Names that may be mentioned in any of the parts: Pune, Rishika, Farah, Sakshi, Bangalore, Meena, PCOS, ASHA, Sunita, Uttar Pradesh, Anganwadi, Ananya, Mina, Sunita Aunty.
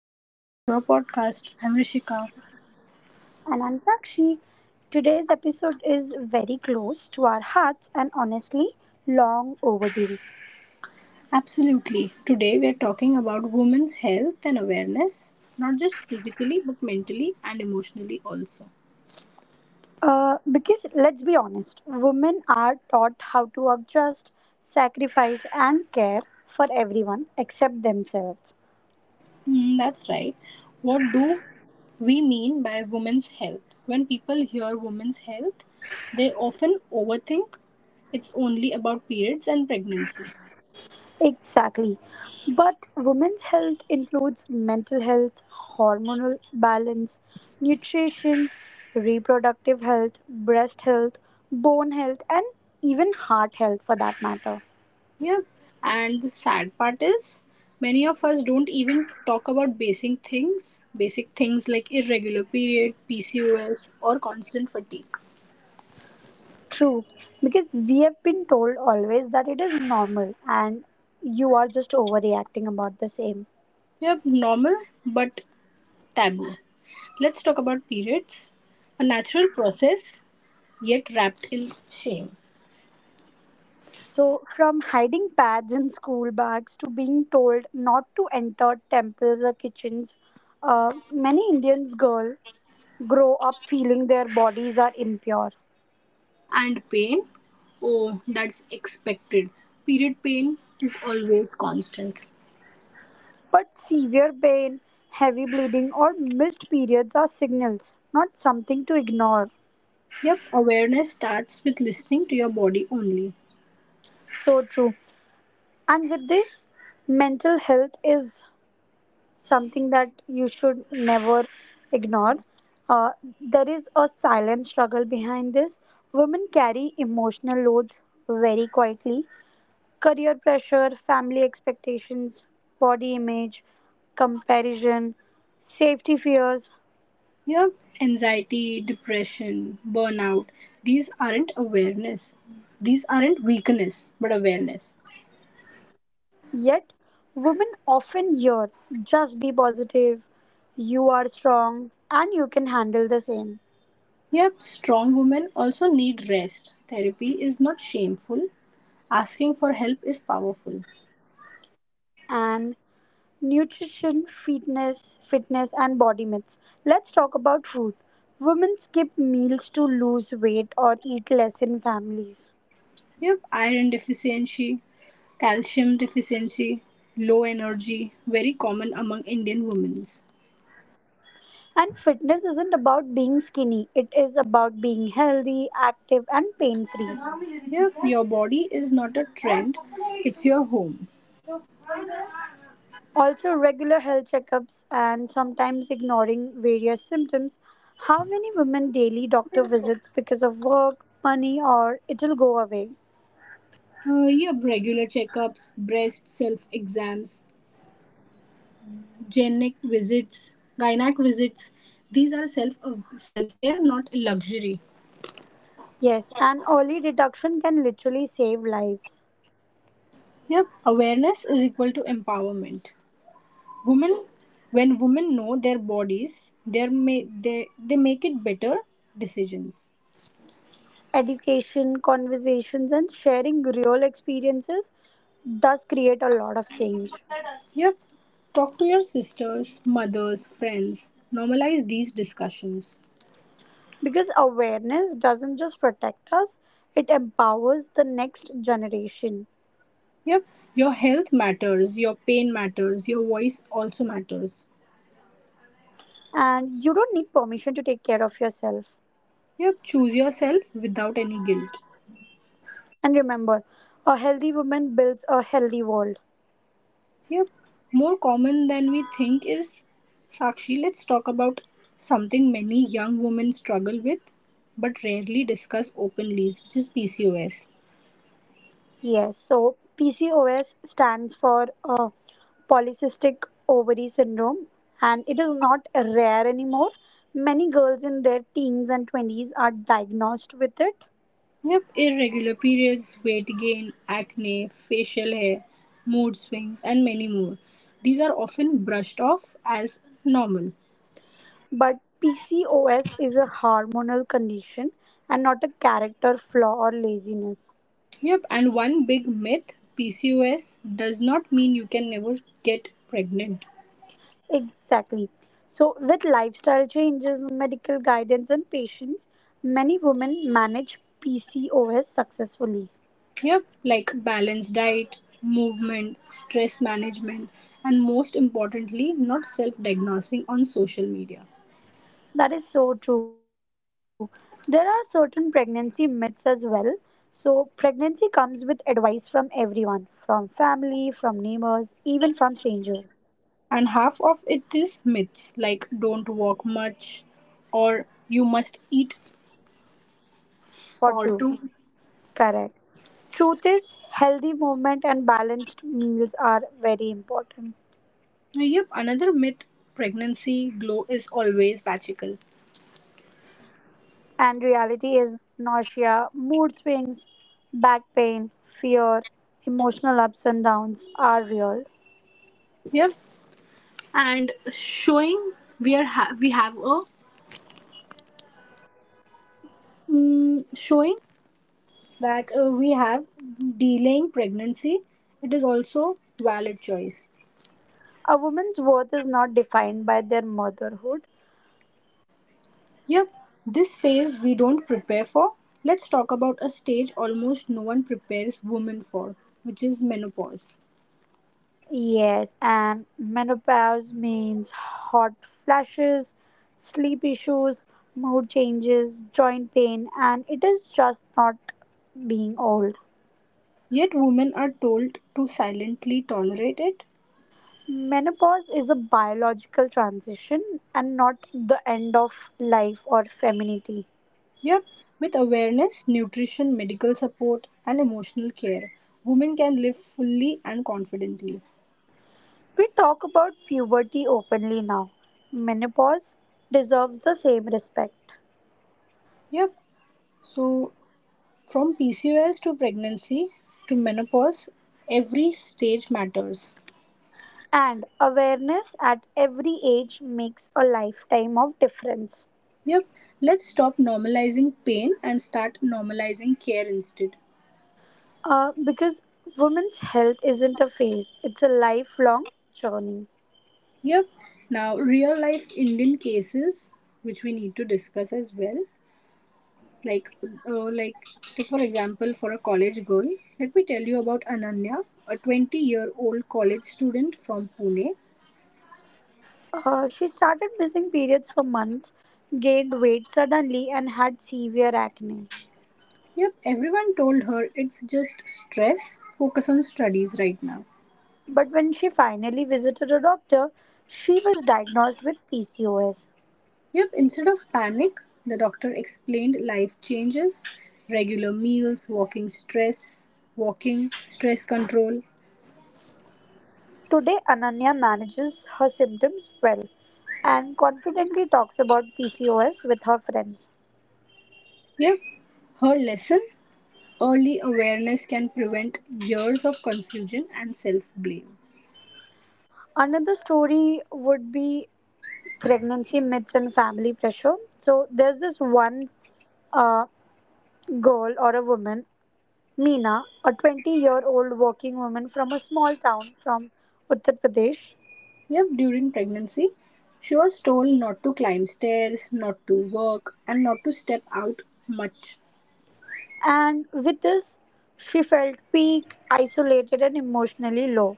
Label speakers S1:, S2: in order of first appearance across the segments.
S1: welcome back to our podcast. I'm Rishika.
S2: And I'm Sakshi. Today's episode is very close to our hearts and honestly long overdue.
S1: Absolutely. Today we are talking about women's health and awareness, not just physically but mentally and emotionally also.
S2: Because let's be honest, women are taught how to adjust, sacrifice, and care for everyone except themselves.
S1: Mm, that's right. What do we mean by women's health? When people hear women's health, they often overthink it's only about periods and pregnancy.
S2: Exactly. But women's health includes mental health, hormonal balance, nutrition, reproductive health, breast health, bone health, and even heart health for that matter.
S1: Yeah. And the sad part is many of us don't even talk about basic things like irregular period, PCOS or constant fatigue.
S2: True, because we have been told always that it is normal and you are just overreacting about the same.
S1: Yep, normal but taboo. Let's talk about periods, a natural process yet wrapped in shame
S2: So, from hiding pads in school bags to being told not to enter temples or kitchens, many Indians girls grow up feeling their bodies are impure.
S1: and pain. Oh, that's expected. Period pain is always constant.
S2: But severe pain, heavy bleeding, or missed periods are signals, not something to ignore.
S1: Yep, awareness starts with listening to your body only.
S2: So true. And with this, mental health is something that you should never ignore. Uh, there is a silent struggle behind this. Women carry emotional loads very quietly. Career pressure, family expectations, body image, comparison, safety fears.
S1: You know, Anxiety, depression, burnout, these aren't awareness. These aren't weakness, but awareness.
S2: Yet, women often hear just be positive, you are strong, and you can handle the same.
S1: Yep, strong women also need rest. Therapy is not shameful. Asking for help is powerful.
S2: And nutrition, fitness, and body myths. Let's talk about food. Women skip meals to lose weight or eat less in families.
S1: Yep, iron deficiency, calcium deficiency, low energy, very common among Indian women.
S2: And fitness isn't about being skinny, it is about being healthy, active, and pain free.
S1: Yep, your body is not a trend, it's your home.
S2: Also, regular health checkups and sometimes ignoring various symptoms. How many women daily doctor visits because of work, money, or it'll go away?
S1: Yep, regular checkups, breast self exams, gynac visits. These are self care, not luxury.
S2: Yes, and early detection can literally save lives.
S1: Yep. Awareness is equal to empowerment. Women, when women know their bodies, they may they make it better decisions.
S2: Education, conversations, and sharing real experiences does create a lot of change.
S1: Yep. Talk to your sisters, mothers, friends. Normalize these discussions.
S2: Because awareness doesn't just protect us, it empowers the next generation.
S1: Yep. Your health matters, your pain matters, your voice also matters.
S2: And you don't need permission to take care of yourself.
S1: Yep. Choose yourself without any guilt.
S2: And remember, a healthy woman builds a healthy world.
S1: Yep, more common than we think is Sakshi. Let's talk about something many young women struggle with but rarely discuss openly, which is PCOS.
S2: Yes, so PCOS stands for polycystic ovary syndrome and it is not rare anymore. Many girls in their teens and 20s are diagnosed with it,
S1: Yep, irregular periods, weight gain, acne, facial hair, mood swings, and many more. These are often brushed off as normal.
S2: but PCOS is a hormonal condition and not a character flaw or laziness.
S1: Yep, and one big myth: PCOS does not mean you can never get pregnant.
S2: Exactly. So, with lifestyle changes, medical guidance, and patience, many women manage PCOS successfully.
S1: Yep, like balanced diet, movement, stress management, and most importantly, not self diagnosing on social media.
S2: That is so true. There are certain pregnancy myths as well. So, pregnancy comes with advice from everyone, from family, from neighbors, even from strangers.
S1: And half of it is myths like don't walk much or you must eat
S2: For
S1: for
S2: true.
S1: two.
S2: Correct. Truth is, healthy movement and balanced meals are very important.
S1: Yep, another myth: pregnancy glow is always magical.
S2: And reality is nausea, mood swings, back pain, fear, emotional ups and downs are real.
S1: Yep, and showing we have a showing that we have delaying pregnancy, it is also valid choice.
S2: A woman's worth is not defined by their motherhood.
S1: Yep, this phase we don't prepare for. Let's talk about a stage almost no one prepares women for, which is menopause.
S2: Yes, and menopause means hot flashes, sleep issues, mood changes, joint pain, and it is just not being old.
S1: Yet women are told to silently tolerate it.
S2: Menopause is a biological transition and not the end of life or femininity.
S1: Yep, with awareness, nutrition, medical support, and emotional care, women can live fully and confidently.
S2: We talk about puberty openly now. Menopause deserves the same respect.
S1: Yep, so from PCOS to pregnancy to menopause, every stage matters.
S2: And awareness at every age makes a lifetime of difference.
S1: Yep. Let's stop normalizing pain and start normalizing care instead.
S2: Because women's health isn't a phase, it's a lifelong journey.
S1: Yep. Now, real life Indian cases, which we need to discuss as well. Like, uh, like, take for example, for a college girl, let me tell you about Ananya, a 20-year-old college student from Pune.
S2: She started missing periods for months, gained weight suddenly, and had severe acne.
S1: Yep, everyone told her it's just stress, focus on studies right now.
S2: But when she finally visited a doctor, she was diagnosed with PCOS.
S1: Yep, instead of panic, the doctor explained life changes, regular meals, walking, stress control.
S2: Today, Ananya manages her symptoms well and confidently talks about PCOS with her friends.
S1: Yep, her lesson: early awareness can prevent years of confusion and self blame.
S2: Another story would be pregnancy myths and family pressure. So, there's this one girl or a woman, Meena, a 20-year-old working woman from a small town from Uttar Pradesh.
S1: Yep, during pregnancy, she was told not to climb stairs, not to work, and not to step out much.
S2: And with this, she felt weak, isolated, and emotionally low.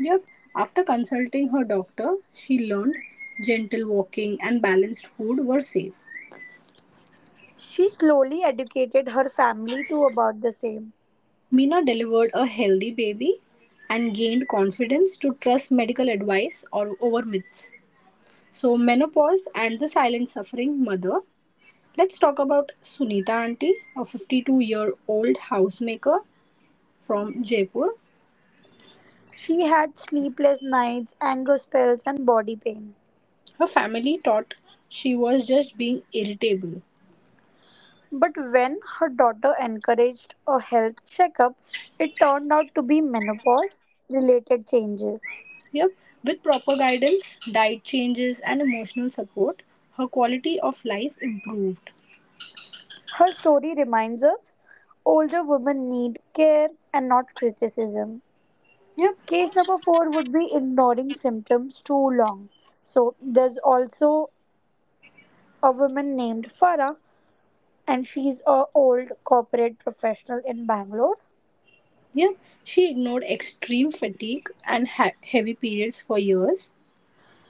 S1: Yep, after consulting her doctor, she learned gentle walking and balanced food were safe.
S2: She slowly educated her family too about the same.
S1: Mina delivered a healthy baby and gained confidence to trust medical advice or over myths. So, menopause and the silent suffering mother. Let's talk about Sunita Aunty, a 52-year-old housemaker from Jaipur.
S2: She had sleepless nights, anger spells, and body pain.
S1: Her family thought she was just being irritable.
S2: But when her daughter encouraged a health checkup, it turned out to be menopause related changes.
S1: Yep, with proper guidance, diet changes, and emotional support, her quality of life improved.
S2: Her story reminds us older women need care and not criticism.
S1: Yep,
S2: Case number four would be ignoring symptoms too long. So there's also a woman named Farah, and she's a old corporate professional in Bangalore.
S1: Yep, she ignored extreme fatigue and heavy periods for years.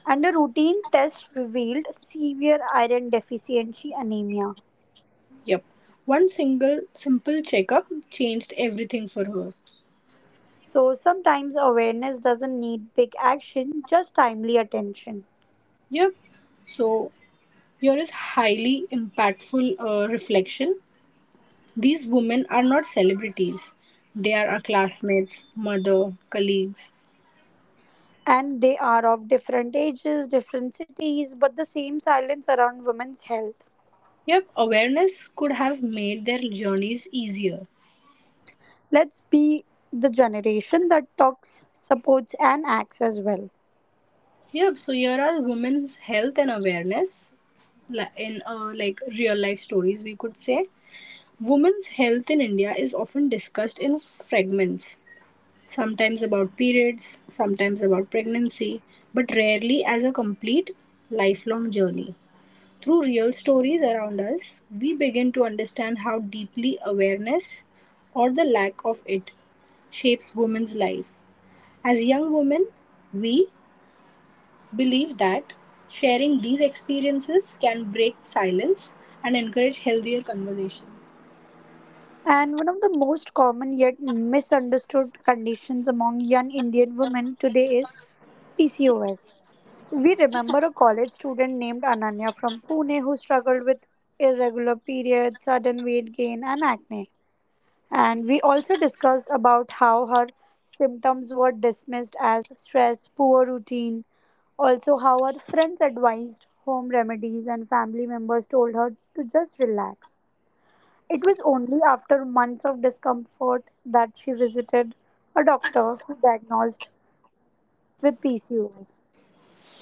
S2: And a routine test revealed severe iron deficiency anemia.
S1: Yep, one single simple checkup changed everything for her.
S2: So sometimes awareness doesn't need big action, just timely attention.
S1: Yep, so here is highly impactful reflection. These women are not celebrities, they are our classmates, mother, colleagues.
S2: And they are of different ages, different cities, but the same silence around women's health.
S1: Yep, awareness could have made their journeys easier.
S2: Let's be the generation that talks, supports, and acts as well.
S1: Yep, so here are women's health and awareness in like real life stories we could say. Women's health in India is often discussed in fragments, sometimes about periods, sometimes about pregnancy, but rarely as a complete lifelong journey. Through real stories around us, we begin to understand how deeply awareness or the lack of it shapes women's life. As young women, we believe that sharing these experiences can break silence and encourage healthier conversations.
S2: And one of the most common yet misunderstood conditions among young Indian women today is PCOS. We remember a college student named Ananya from Pune who struggled with irregular periods, sudden weight gain, and acne. And we also discussed about how her symptoms were dismissed as stress, poor routine, also how her friends advised home remedies and family members told her to just relax. It was only after months of discomfort that she visited a doctor who diagnosed with PCOS.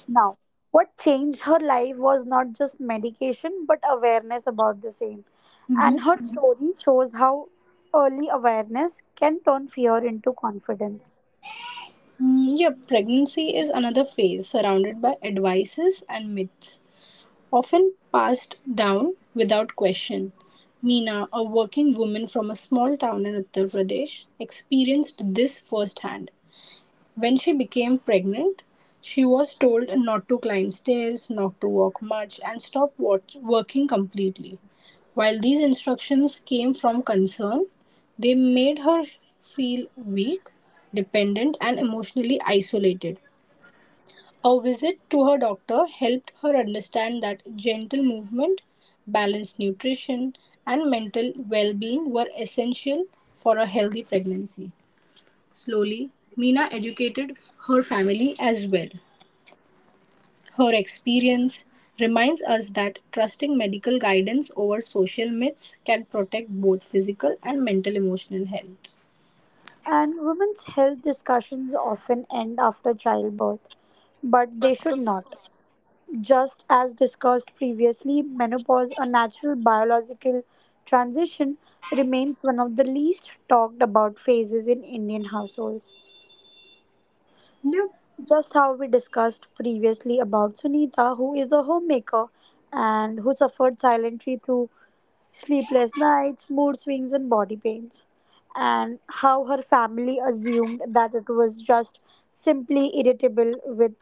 S2: Now, what changed her life was not just medication but awareness about the same. And
S1: Mhm.
S2: her story shows how early awareness can turn fear into confidence.
S1: Mm, yeah, pregnancy is another phase surrounded by advices and myths, often passed down without question. Meena, a working woman from a small town in Uttar Pradesh, experienced this firsthand. When she became pregnant, she was told not to climb stairs, not to walk much, and stop working completely. While these instructions came from concern, they made her feel weak, dependent, and emotionally isolated. A visit to her doctor helped her understand that gentle movement, balanced nutrition, and mental well being were essential for a healthy pregnancy. Slowly, Meena educated her family as well. Her experience reminds us that trusting medical guidance over social myths can protect both physical and mental emotional health.
S2: And women's health discussions often end after childbirth, but they should not. Just as discussed previously, menopause, a natural biological transition, remains one of the least talked about phases in Indian households.
S1: Yep.
S2: Just how we discussed previously about Sunita, who is a homemaker and who suffered silently through sleepless nights, mood swings, and body pains, and how her family assumed that it was just simply irritable with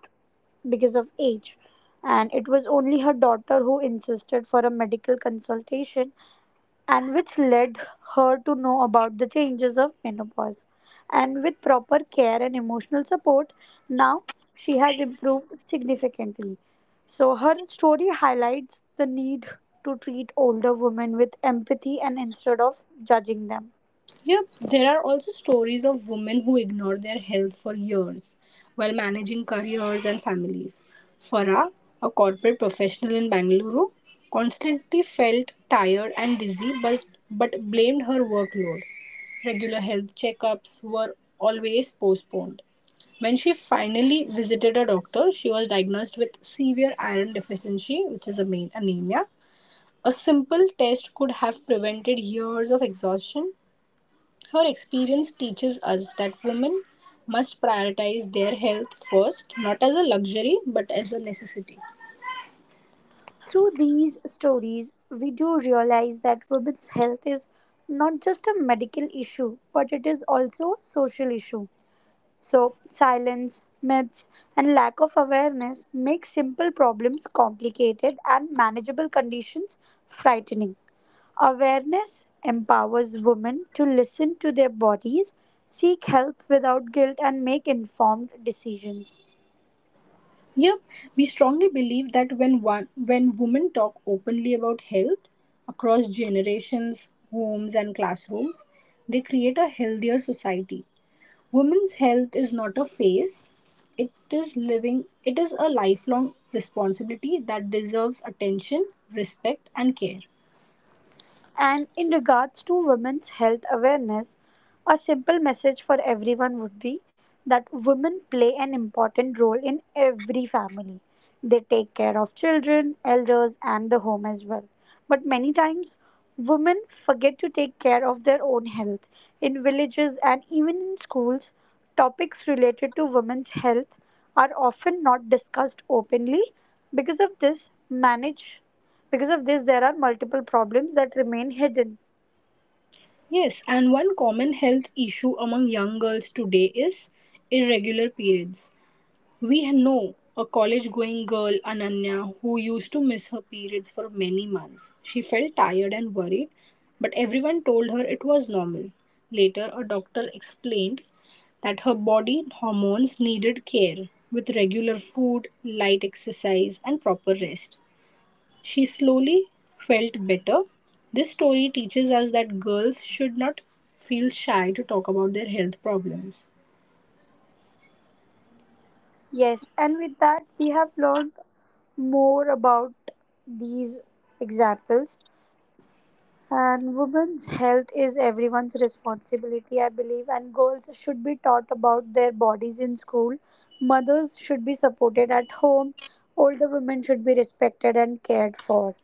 S2: because of age. And it was only her daughter who insisted for a medical consultation and which led her to know about the changes of menopause. And with proper care and emotional support, now she has improved significantly. So, her story highlights the need to treat older women with empathy and instead of judging them.
S1: Yep, there are also stories of women who ignore their health for years while managing careers and families. Farah, a corporate professional in Bangalore, constantly felt tired and dizzy but blamed her workload. Regular health checkups were always postponed. When she finally visited a doctor, she was diagnosed with severe iron deficiency, which is a main anemia. A simple test could have prevented years of exhaustion. Her experience teaches us that women must prioritize their health first, not as a luxury but as a necessity.
S2: Through these stories, we do realize that women's health is not just a medical issue, but it is also a social issue. So, silence, myths, and lack of awareness make simple problems complicated and manageable conditions frightening. Awareness empowers women to listen to their bodies, seek help without guilt, and make informed decisions.
S1: Yep, we strongly believe that when women talk openly about health across generations, homes and classrooms, they create a healthier society. Women's health is not a phase, it is a lifelong responsibility that deserves attention, respect and care.
S2: And in regards to women's health awareness, a simple message for everyone would be that women play an important role in every family. They take care of children, elders, and the home as well. But many times, women forget to take care of their own health. In villages and even in schools, topics related to women's health are often not discussed openly. Because of this, manage because of this, there are multiple problems that remain hidden.
S1: Yes, and one common health issue among young girls today is irregular periods. We know a college going girl, Ananya, who used to miss her periods for many months. She felt tired and worried, but everyone told her it was normal. Later, a doctor explained that her body hormones needed care with regular food, light exercise, and proper rest. She slowly felt better. This story teaches us that girls should not feel shy to talk about their health problems.
S2: Yes, and with that, we have learned more about these examples. And women's health is everyone's responsibility, I believe. And girls should be taught about their bodies in school. Mothers should be supported at home. Older women should be respected and cared for.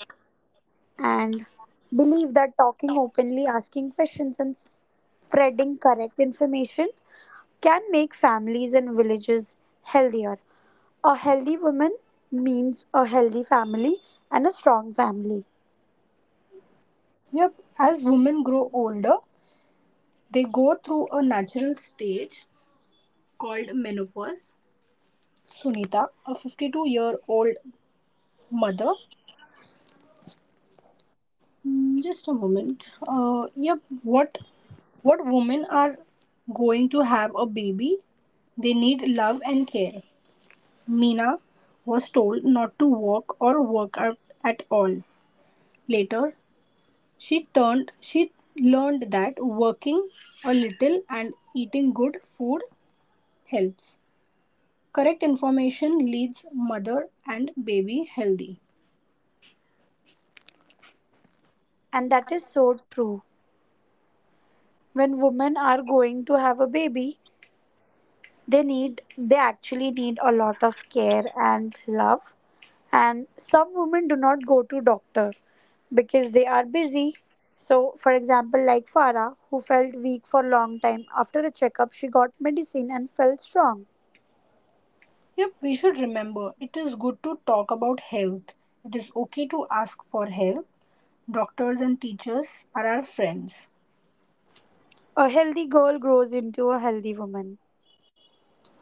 S2: And believe that talking openly, asking questions, and spreading correct information can make families and villages healthier. A healthy woman means a healthy family and a strong family.
S1: Yep, as women grow older, they go through a natural stage called menopause. Sunita, a 52-year-old mother. Mm, just a moment. Yep, what women are going to have a baby? They need love and care. Meena was told not to walk or work out at all. Later, she learned that working a little and eating good food helps. Correct information leads mother and baby healthy.
S2: And that is so true. When women are going to have a baby, they actually need a lot of care and love. And some women do not go to doctor because they are busy. So, for example, like Farah, who felt weak for a long time, after a checkup, she got medicine and felt strong.
S1: Yep, we should remember it is good to talk about health. It is okay to ask for help. Doctors and teachers are our friends.
S2: A healthy girl grows into a healthy woman.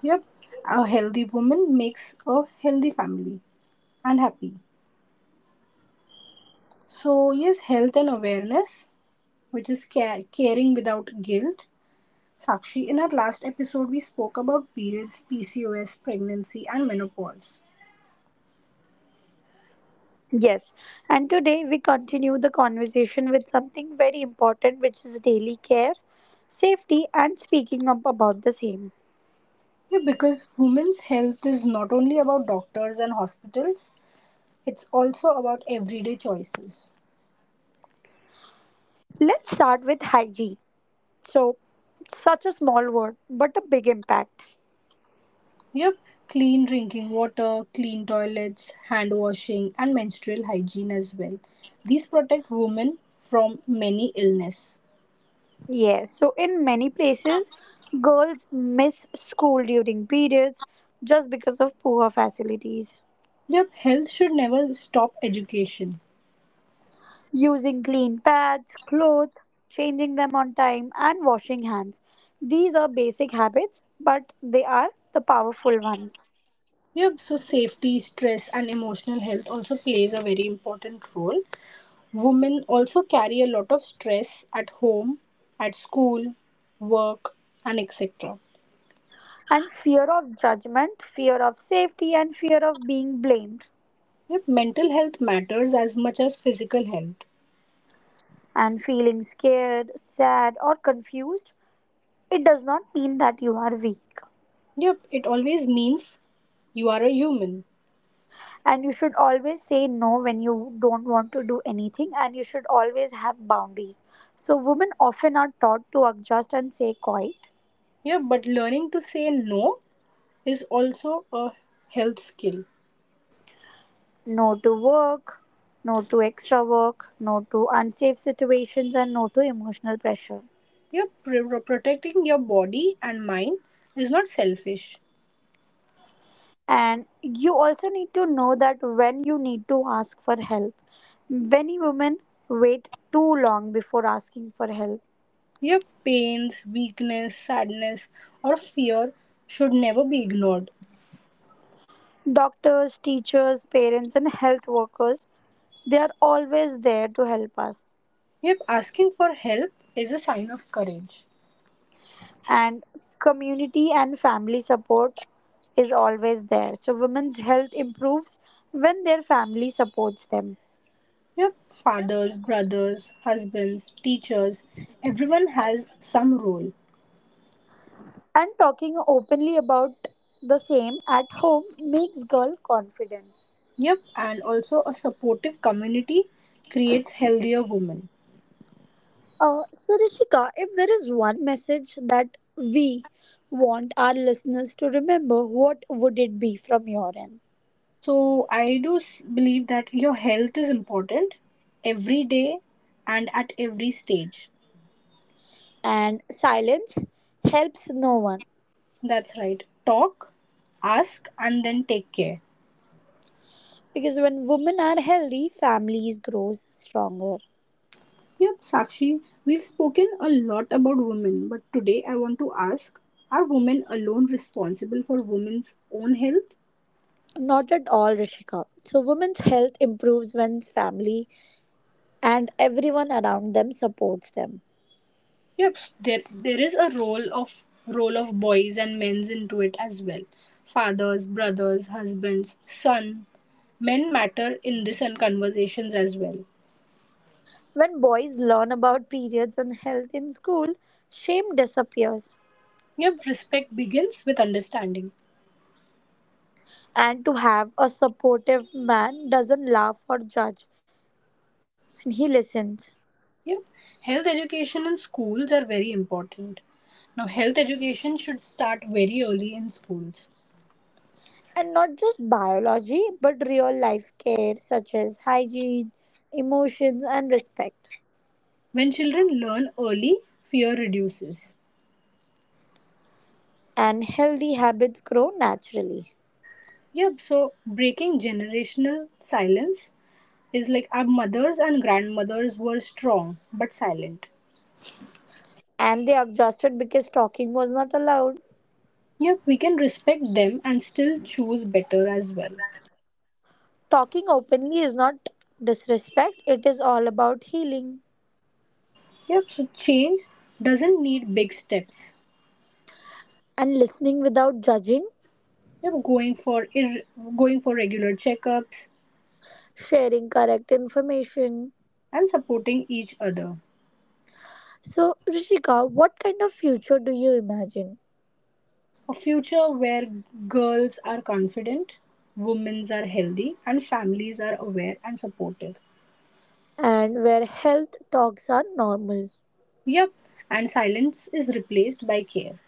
S1: Yep, a healthy woman makes a healthy family and happy. So, yes, health and awareness, which is caring without guilt. Sakshi, in our last episode, we spoke about periods, PCOS, pregnancy, and menopause.
S2: Yes, and today we continue the conversation with something very important, which is daily care, safety, and speaking up about the same.
S1: Yeah, because women's health is not only about doctors and hospitals, it's also about everyday choices.
S2: Let's start with hygiene. So, such a small word, but a big impact.
S1: Yep, clean drinking water, clean toilets, hand washing, and menstrual hygiene as well. These protect women from many illness.
S2: Yes, so in many places, girls miss school during periods just because of poor facilities.
S1: Yep, health should never stop education.
S2: Using clean pads, clothes, changing them on time, and washing hands. These are basic habits, but they are the powerful ones.
S1: Yep, so safety, stress, and emotional health also plays a very important role. Women also carry a lot of stress at home, at school, work, and etc.
S2: And fear of judgment, fear of safety, and fear of being blamed,
S1: Yep, mental health matters as much as physical health.
S2: and feeling scared, sad, or confused, it does not mean that you are weak.
S1: Yep, it always means you are a human.
S2: And you should always say no when you don't want to do anything, and you should always have boundaries. So, women often are taught to adjust and say quiet
S1: Yep, but learning to say no is also a health skill.
S2: no to work, no to extra work, no to unsafe situations, and no to emotional pressure.
S1: Yep, protecting your body and mind is not selfish.
S2: And you also need to know that when you need to ask for help. Many women wait too long before asking for help.
S1: Your pains, weakness, sadness, or fear should never be ignored.
S2: Doctors, teachers, parents, and health workers, they are always there to help us.
S1: Yep, asking for help is a sign of courage.
S2: And community and family support is always there. So, women's health improves when their family supports them.
S1: Yep, fathers, brothers, husbands, teachers, everyone has some role.
S2: And talking openly about the same at home makes girl confident.
S1: Yep, and also a supportive community creates healthier women.
S2: So, Rishika, if there is one message that we want our listeners to remember, what would it be from your end?
S1: So I do believe that your health is important every day and at every stage.
S2: And silence helps no one
S1: That's right. Talk, ask, and then take care.
S2: because when women are healthy, families grows stronger.
S1: Yep, Sakshi, we've spoken a lot about women, but today I want to ask: are women alone responsible for women's own health?
S2: Not at all, Rishika. So, women's health improves when family and everyone around them supports them.
S1: Yep, there is a role of boys and men's into it as well. Fathers, brothers, husbands, son, men matter in this and conversations as well.
S2: When boys learn about periods and health in school, shame disappears.
S1: Yep, respect begins with understanding.
S2: And to have a supportive man doesn't laugh or judge, and he listens.
S1: Yep, health education in schools are very important. Now, health education should start very early in schools.
S2: And not just biology, but real life care such as hygiene, emotions, and respect.
S1: When children learn early, fear reduces.
S2: And healthy habits grow naturally.
S1: Yep, so breaking generational silence is like our mothers and grandmothers were strong but silent.
S2: And they are exhausted because talking was not allowed.
S1: Yep, we can respect them and still choose better as well.
S2: Talking openly is not disrespect, it is all about healing.
S1: Yep, so change doesn't need big steps.
S2: And listening without judging
S1: Yep, going for regular checkups
S2: sharing correct information.
S1: and supporting each other.
S2: So, Rishika, what kind of future do you imagine?
S1: A future where girls are confident, women are healthy, and families are aware and supportive.
S2: And where health talks are normal.
S1: Yep, and silence is replaced by care.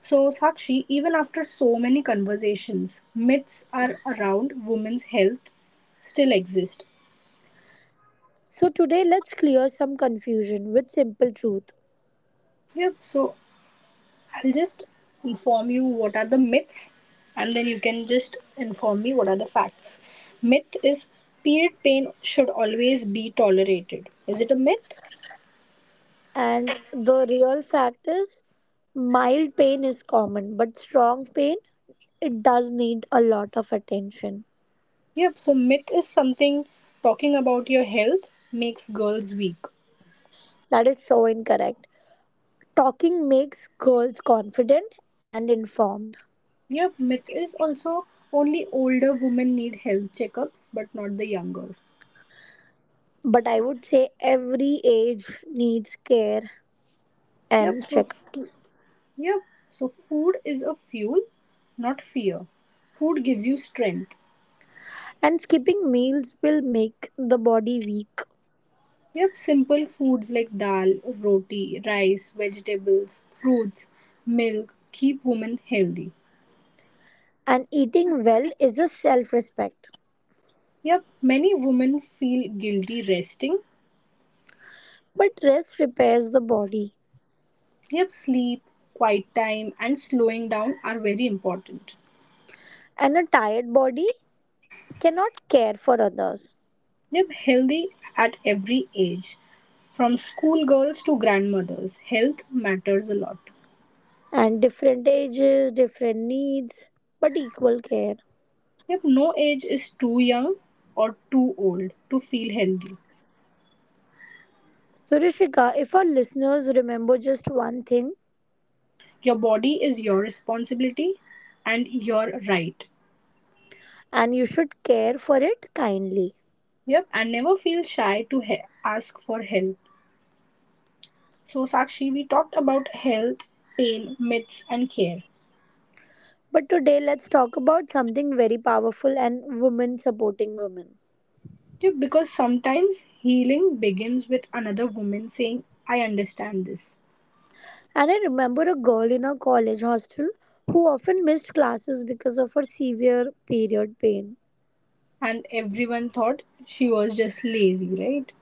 S1: So, Sakshi, even after so many conversations, myths are around women's health still exist.
S2: So, today let's clear some confusion with simple truth.
S1: Yep, so I'll just inform you what are the myths and then you can just inform me what are the facts. Myth is period pain should always be tolerated. Is it a myth?
S2: And the real fact is, mild pain is common, but strong pain, it does need a lot of attention.
S1: Yep, so myth is something: talking about your health makes girls weak.
S2: That is so incorrect. Talking makes girls confident and informed.
S1: Yep, myth is also only older women need health checkups, but not the younger.
S2: But I would say every age needs care
S1: Yep,
S2: and
S1: so
S2: checkups.
S1: yep, so food is a fuel, not fear. Food gives you strength.
S2: And skipping meals will make the body weak.
S1: Yep, simple foods like dal, roti, rice, vegetables, fruits, milk keep women healthy.
S2: And eating well is a self respect.
S1: Yep, many women feel guilty resting.
S2: But rest repairs the body.
S1: Yep, sleep, quiet time, and slowing down are very important.
S2: And a tired body cannot care for others.
S1: Live healthy at every age, from schoolgirls to grandmothers. Health matters a lot.
S2: And different ages, different needs, but equal care.
S1: Yep, no age is too young or too old to feel healthy.
S2: So, Rishika, if our listeners remember just one thing,
S1: Your body is your responsibility and your right.
S2: and you should care for it kindly.
S1: Yep, and never feel shy to ask for help. So, Sakshi, we talked about health, pain, myths, and care.
S2: But today, let's talk about something very powerful and women supporting women.
S1: Yep, because sometimes healing begins with another woman saying, I understand this.
S2: And I remember a girl in our college hostel who often missed classes because of her severe period pain.
S1: And everyone thought she was just lazy, right?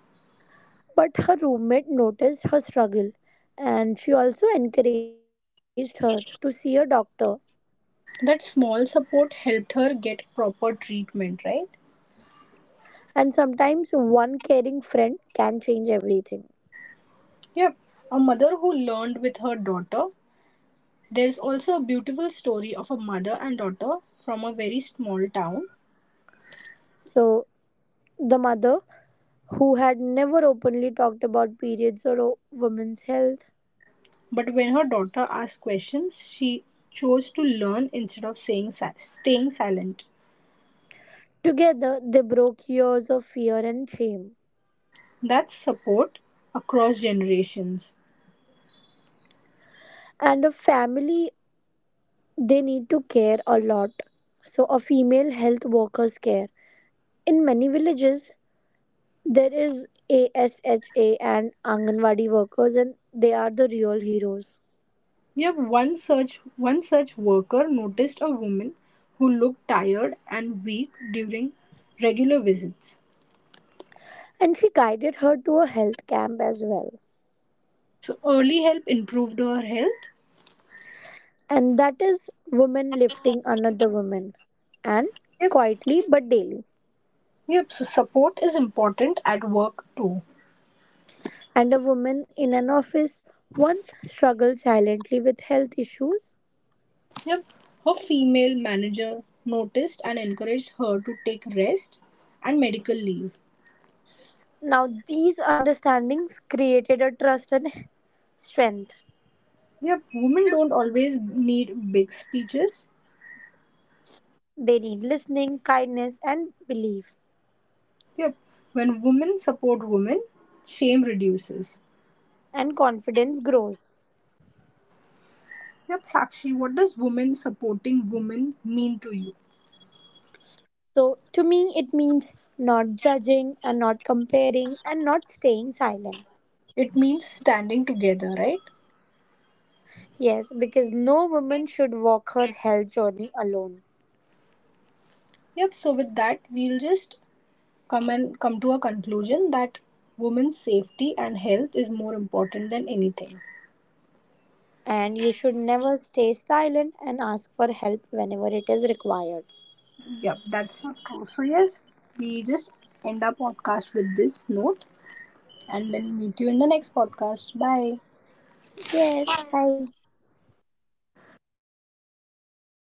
S2: But her roommate noticed her struggle and she also encouraged her to see a doctor.
S1: That small support helped her get proper treatment, right?
S2: And sometimes one caring friend can change everything.
S1: Yep. A mother who learned with her daughter. There's also a beautiful story of a mother and daughter from a very small town.
S2: So, the mother, who had never openly talked about periods or women's health,
S1: But when her daughter asked questions, she chose to learn instead of staying silent.
S2: together they broke years of fear and shame.
S1: That's support across generations.
S2: And a family they need to care a lot. So, a female health worker's care. In many villages, there is ASHA and Anganwadi workers, and they are the real heroes.
S1: Yep, one such worker noticed a woman who looked tired and weak during regular visits.
S2: And she guided her to a health camp as well.
S1: So early help improved her health.
S2: And that is women lifting another woman, and
S1: Yep.
S2: quietly but daily.
S1: Yep. So support is important at work too.
S2: And a woman in an office once struggled silently with health issues.
S1: Yep. Her female manager noticed and encouraged her to take rest and medical leave.
S2: Now, these understandings created a trust and strength.
S1: Yep. Women don't always need big speeches.
S2: They need listening, kindness, and belief,
S1: Yep. When women support women, shame reduces.
S2: and confidence grows.
S1: Yep, Sakshi, what does women supporting women mean to you?
S2: So, to me, it means not judging and not comparing and not staying silent.
S1: It means standing together, right?
S2: Yes, because no woman should walk her health journey alone.
S1: Yep, so with that, we'll just come to a conclusion that women's safety and health is more important than anything.
S2: And you should never stay silent and ask for help whenever it is required.
S1: Yep, that's so true. So yes, we just end our podcast with this note and then meet you in the next podcast. Bye.
S2: Yes, bye.